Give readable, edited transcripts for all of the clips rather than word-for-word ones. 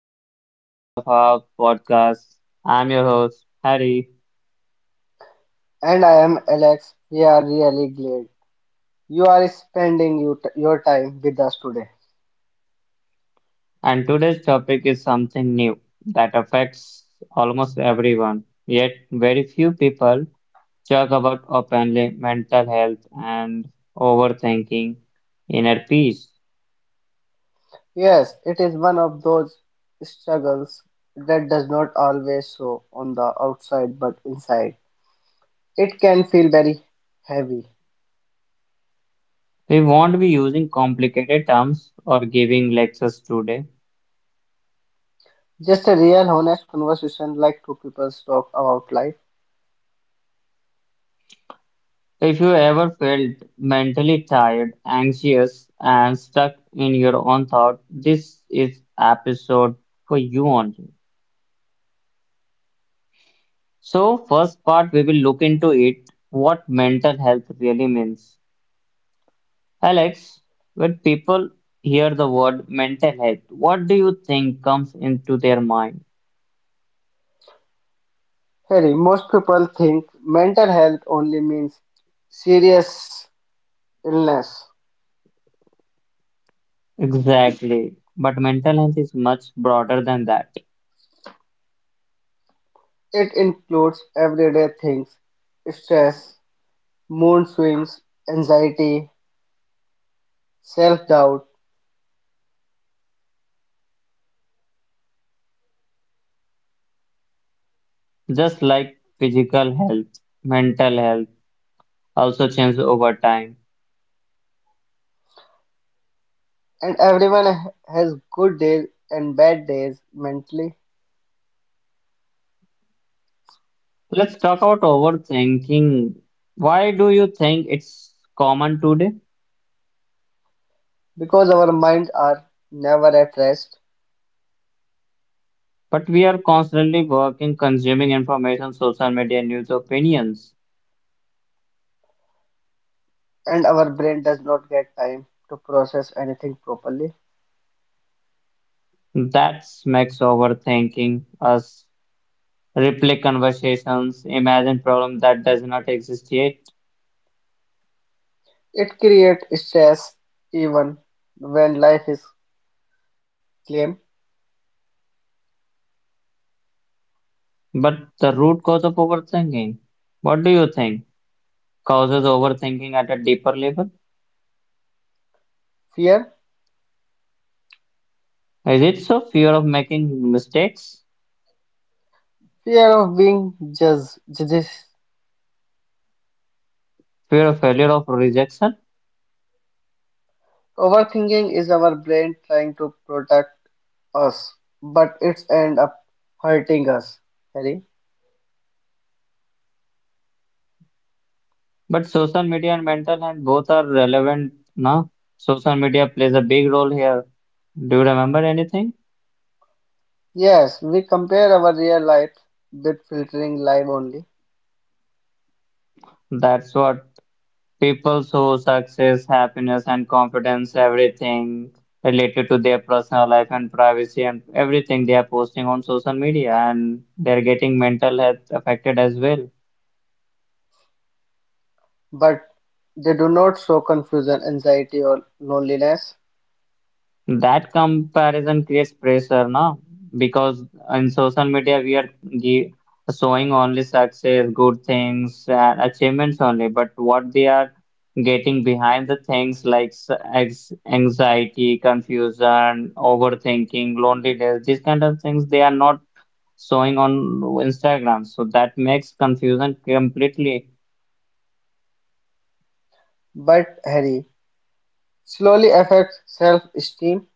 to another episode of our podcast. I'm your host, Harry, And I am Alex. We are really glad you are spending your time with us today. and today's topic is something new that affects almost everyone, yet, very few people talk about openly mental health and overthinking, inner peace. Yes, it is one of those struggles that does not always show on the outside but inside. It can feel very heavy. We won't be using complicated terms or giving lectures today. Just a real honest conversation like two people talk about life. If you ever felt mentally tired, anxious, and stuck in your own thought, this is episode for you only. So, first part we will look into it what mental health really means. Alex, when people hear the word mental health, what do you think comes into their mind? Harry, most people think mental health only means serious illness. Exactly. But mental health is much broader than that. It includes everyday things: stress, mood swings, anxiety, self-doubt, Just like physical health, mental health also changes over time. and everyone has good days and bad days mentally, Let's talk about overthinking. Why do you think it's common today? because our minds are never at rest But we are constantly working, consuming information, social media, news, opinions. and our brain does not get time to process anything properly. That makes overthinking us replay conversations, imagine problem that does not exist yet. It creates stress even when life is calm. But the root cause of overthinking, what do you think causes overthinking at a deeper level? Fear, Is it so fear of making mistakes, fear of being judged. fear of failure, of rejection? Overthinking is our brain trying to protect us, but it's end up hurting us, Harry. But social media and mental health both are relevant now. Social media plays a big role here. Do you remember anything? Yes, we compare our real life with filtering live only, That's what people show success, happiness, and confidence, everything related to their personal life and privacy and everything they are posting on social media, and they're getting mental health affected as well. but they do not show confusion, anxiety, or loneliness. That comparison creates pressure, no? Because in social media we are gi- showing only success, good things, and achievements only, but what they are getting behind the things like anxiety, confusion, overthinking, loneliness, these kind of things they are not showing on Instagram. So that makes confusion completely. But Harry, slowly affects self esteem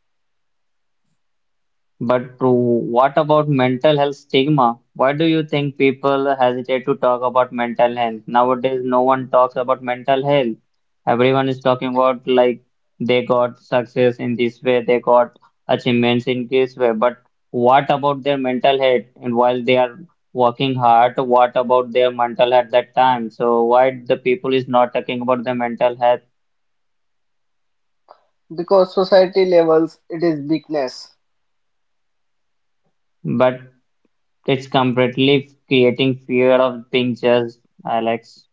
But what about mental health stigma? Why do you think people hesitate to talk about mental health? Nowadays, no one talks about mental health. Everyone is talking about like they got success in this way, they got achievements in this way. But what about their mental health? And while they are working hard, what about their mental health that time? So why the people is not talking about their mental health? because society labels it as weakness But it's completely creating fear of being judged, Alex.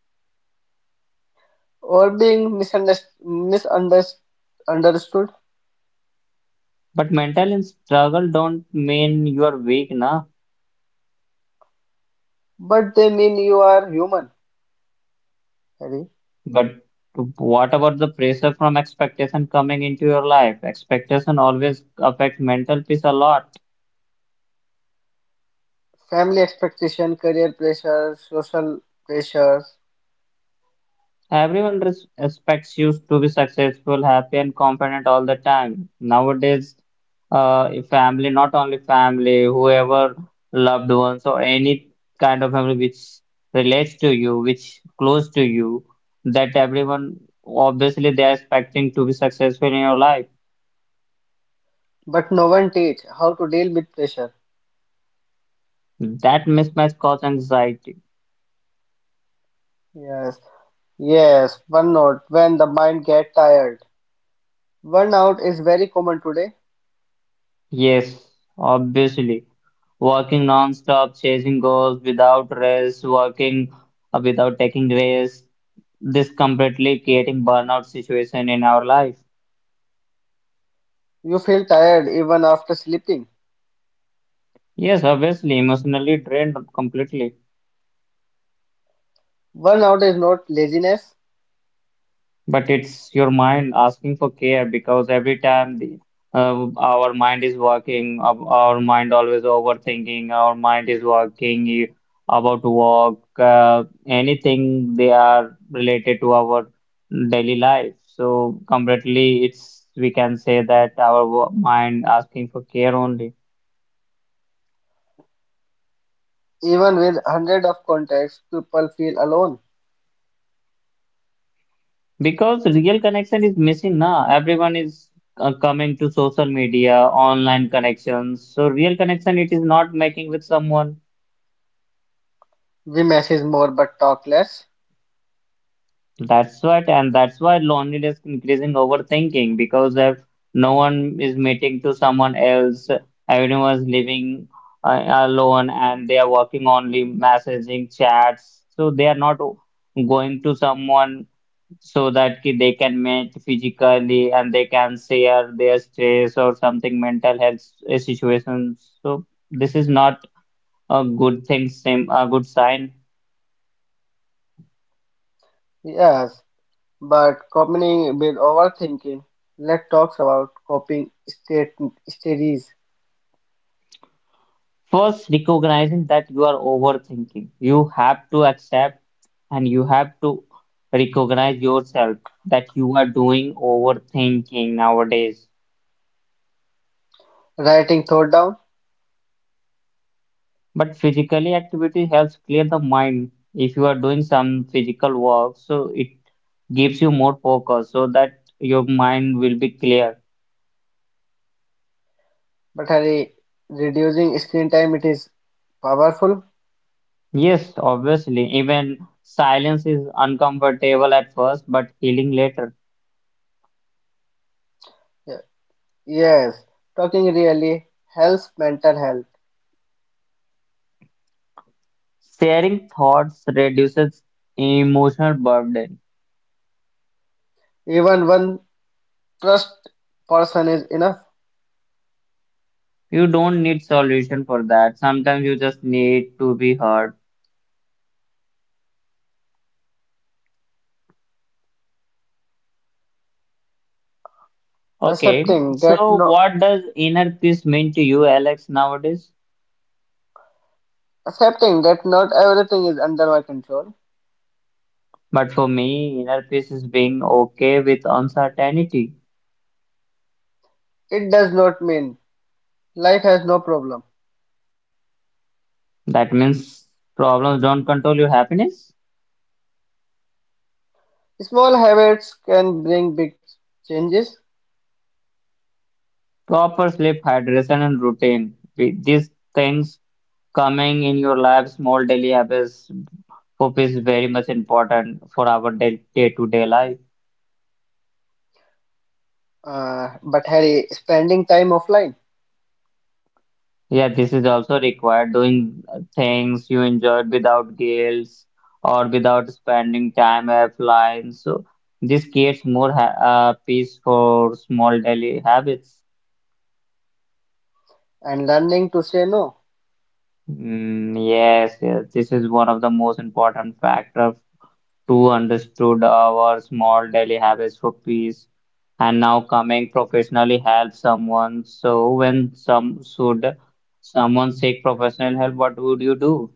or being misunderstood. But mental and struggle don't mean you are weak, na. But they mean you are human, Harry. But what about the pressure from expectation coming into your life? Expectation always affects mental peace a lot. Family expectation, career pressure, social pressures, Everyone expects you to be successful, happy, and confident all the time. Nowadays, if family, not only family, whoever loved ones or any kind of family which relates to you, which close to you, that everyone obviously they are expecting to be successful in your life. but no one teach how to deal with pressure. That mismatch caused anxiety. Yes. Yes, burnout when the mind gets tired. Burnout is very common today. Yes, obviously. Working non-stop, chasing goals without rest, working without taking rest, this completely creating burnout situation in our life. You feel tired even after sleeping. Yes, obviously, emotionally drained completely. Burnout is not laziness. But it's your mind asking for care because every time, our mind is working, our mind always overthinking, our mind is working about work, anything they are related to our daily life. So completely, it's we can say that our mind asking for care only, Even with hundred of contacts, people feel alone. because real connection is missing now. Everyone is coming to social media, online connections. So real connection it is not making with someone. We message more but talk less. That's what, and that's why loneliness increasing overthinking because if no one is meeting to someone else, everyone is living alone and they are working only messaging chats, so they are not going to someone so that ki they can meet physically and they can share their stress or something mental health situations. So this is not a good thing, same a good sign. Yes, but coping with overthinking. Let's talk about coping state strategies. First, recognizing that you are overthinking. You have to accept and you have to recognize yourself that you are doing overthinking nowadays. Writing thought down, But physically activity helps clear the mind. If you are doing some physical work, so it gives you more focus so that your mind will be clear. but hurry, reducing screen time. It is powerful. Yes, obviously, even silence is uncomfortable at first, but healing later. Yes. Yes, talking really helps mental health. Sharing thoughts reduces emotional burden. Even one trust person is enough. You don't need solution for that. Sometimes you just need to be heard. Okay, Accepting that so no, what does inner peace mean to you, Alex, nowadays? accepting that not everything is under my control. But for me, inner peace is being okay with uncertainty. It does not mean life has no problem. That means problems don't control your happiness. Small habits can bring big changes. Proper sleep, hydration, and routine. These things coming in your life, small daily habits. Hope is very much important for our day to day life. But Harry, spending time offline Yeah, this is also required doing things you enjoyed without guilt or without spending time offline. So this creates more ha peace for small daily habits. and learning to say no Mm, yes, this is one of the most important factor to understood our small daily habits for peace, and now coming professionally help someone. So when some should someone seek professional help, what would you do?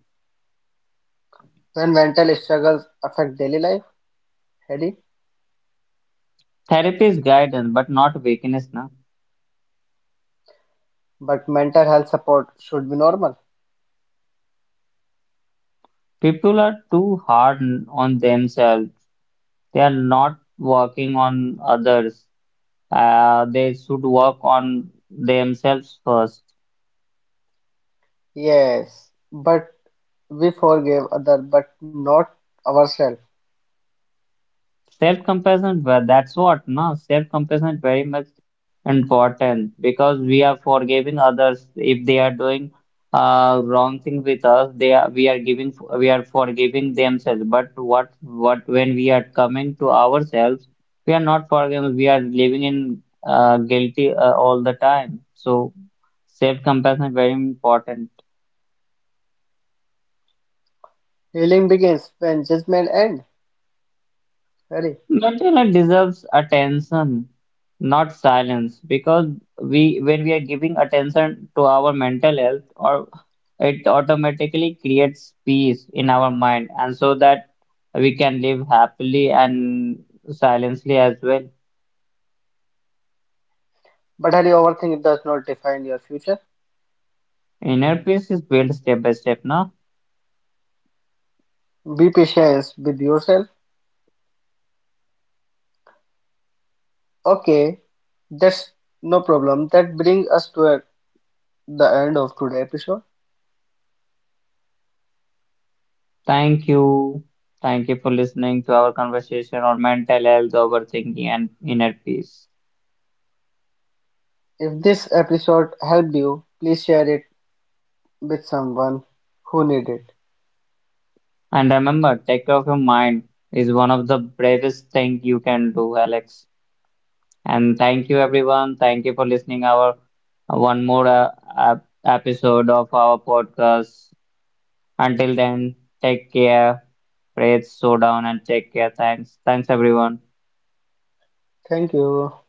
when mental struggles affect daily life, Harry. Therapy is guidance, but not weakness, na. But mental health support should be normal. People are too hard on themselves. They are not working on others. They should work on themselves first. Yes, but we forgive others but not ourselves. Self-compassion, well, that's what, no? Self-compassion is very much important because we are forgiving others if they are doing wrong thing with us. They are, we are giving, we are forgiving themselves. But what when we are coming to ourselves, we are not forgiving. We are living in guilty all the time. So self-compassion is very important. Healing begins when judgment ends, Hurry. Mental deserves attention, not silence, because we when we are giving attention to our mental health, or it automatically creates peace in our mind, and so that we can live happily and silently as well. But hurry, overthink does not define your future. Inner peace is built step by step, no? Be patient with yourself. Okay, that's no problem. That brings us to the end of today's episode. Thank you. Thank you for listening to our conversation on mental health, overthinking, and inner peace. If this episode helped you, please share it with someone who needs it. And remember, take care of your mind is one of the bravest thing you can do, Alex. And thank you, everyone. Thank you for listening our one more episode of our podcast. Until then, take care. Pray, slow down, and take care. Thanks. Thanks, everyone. Thank you.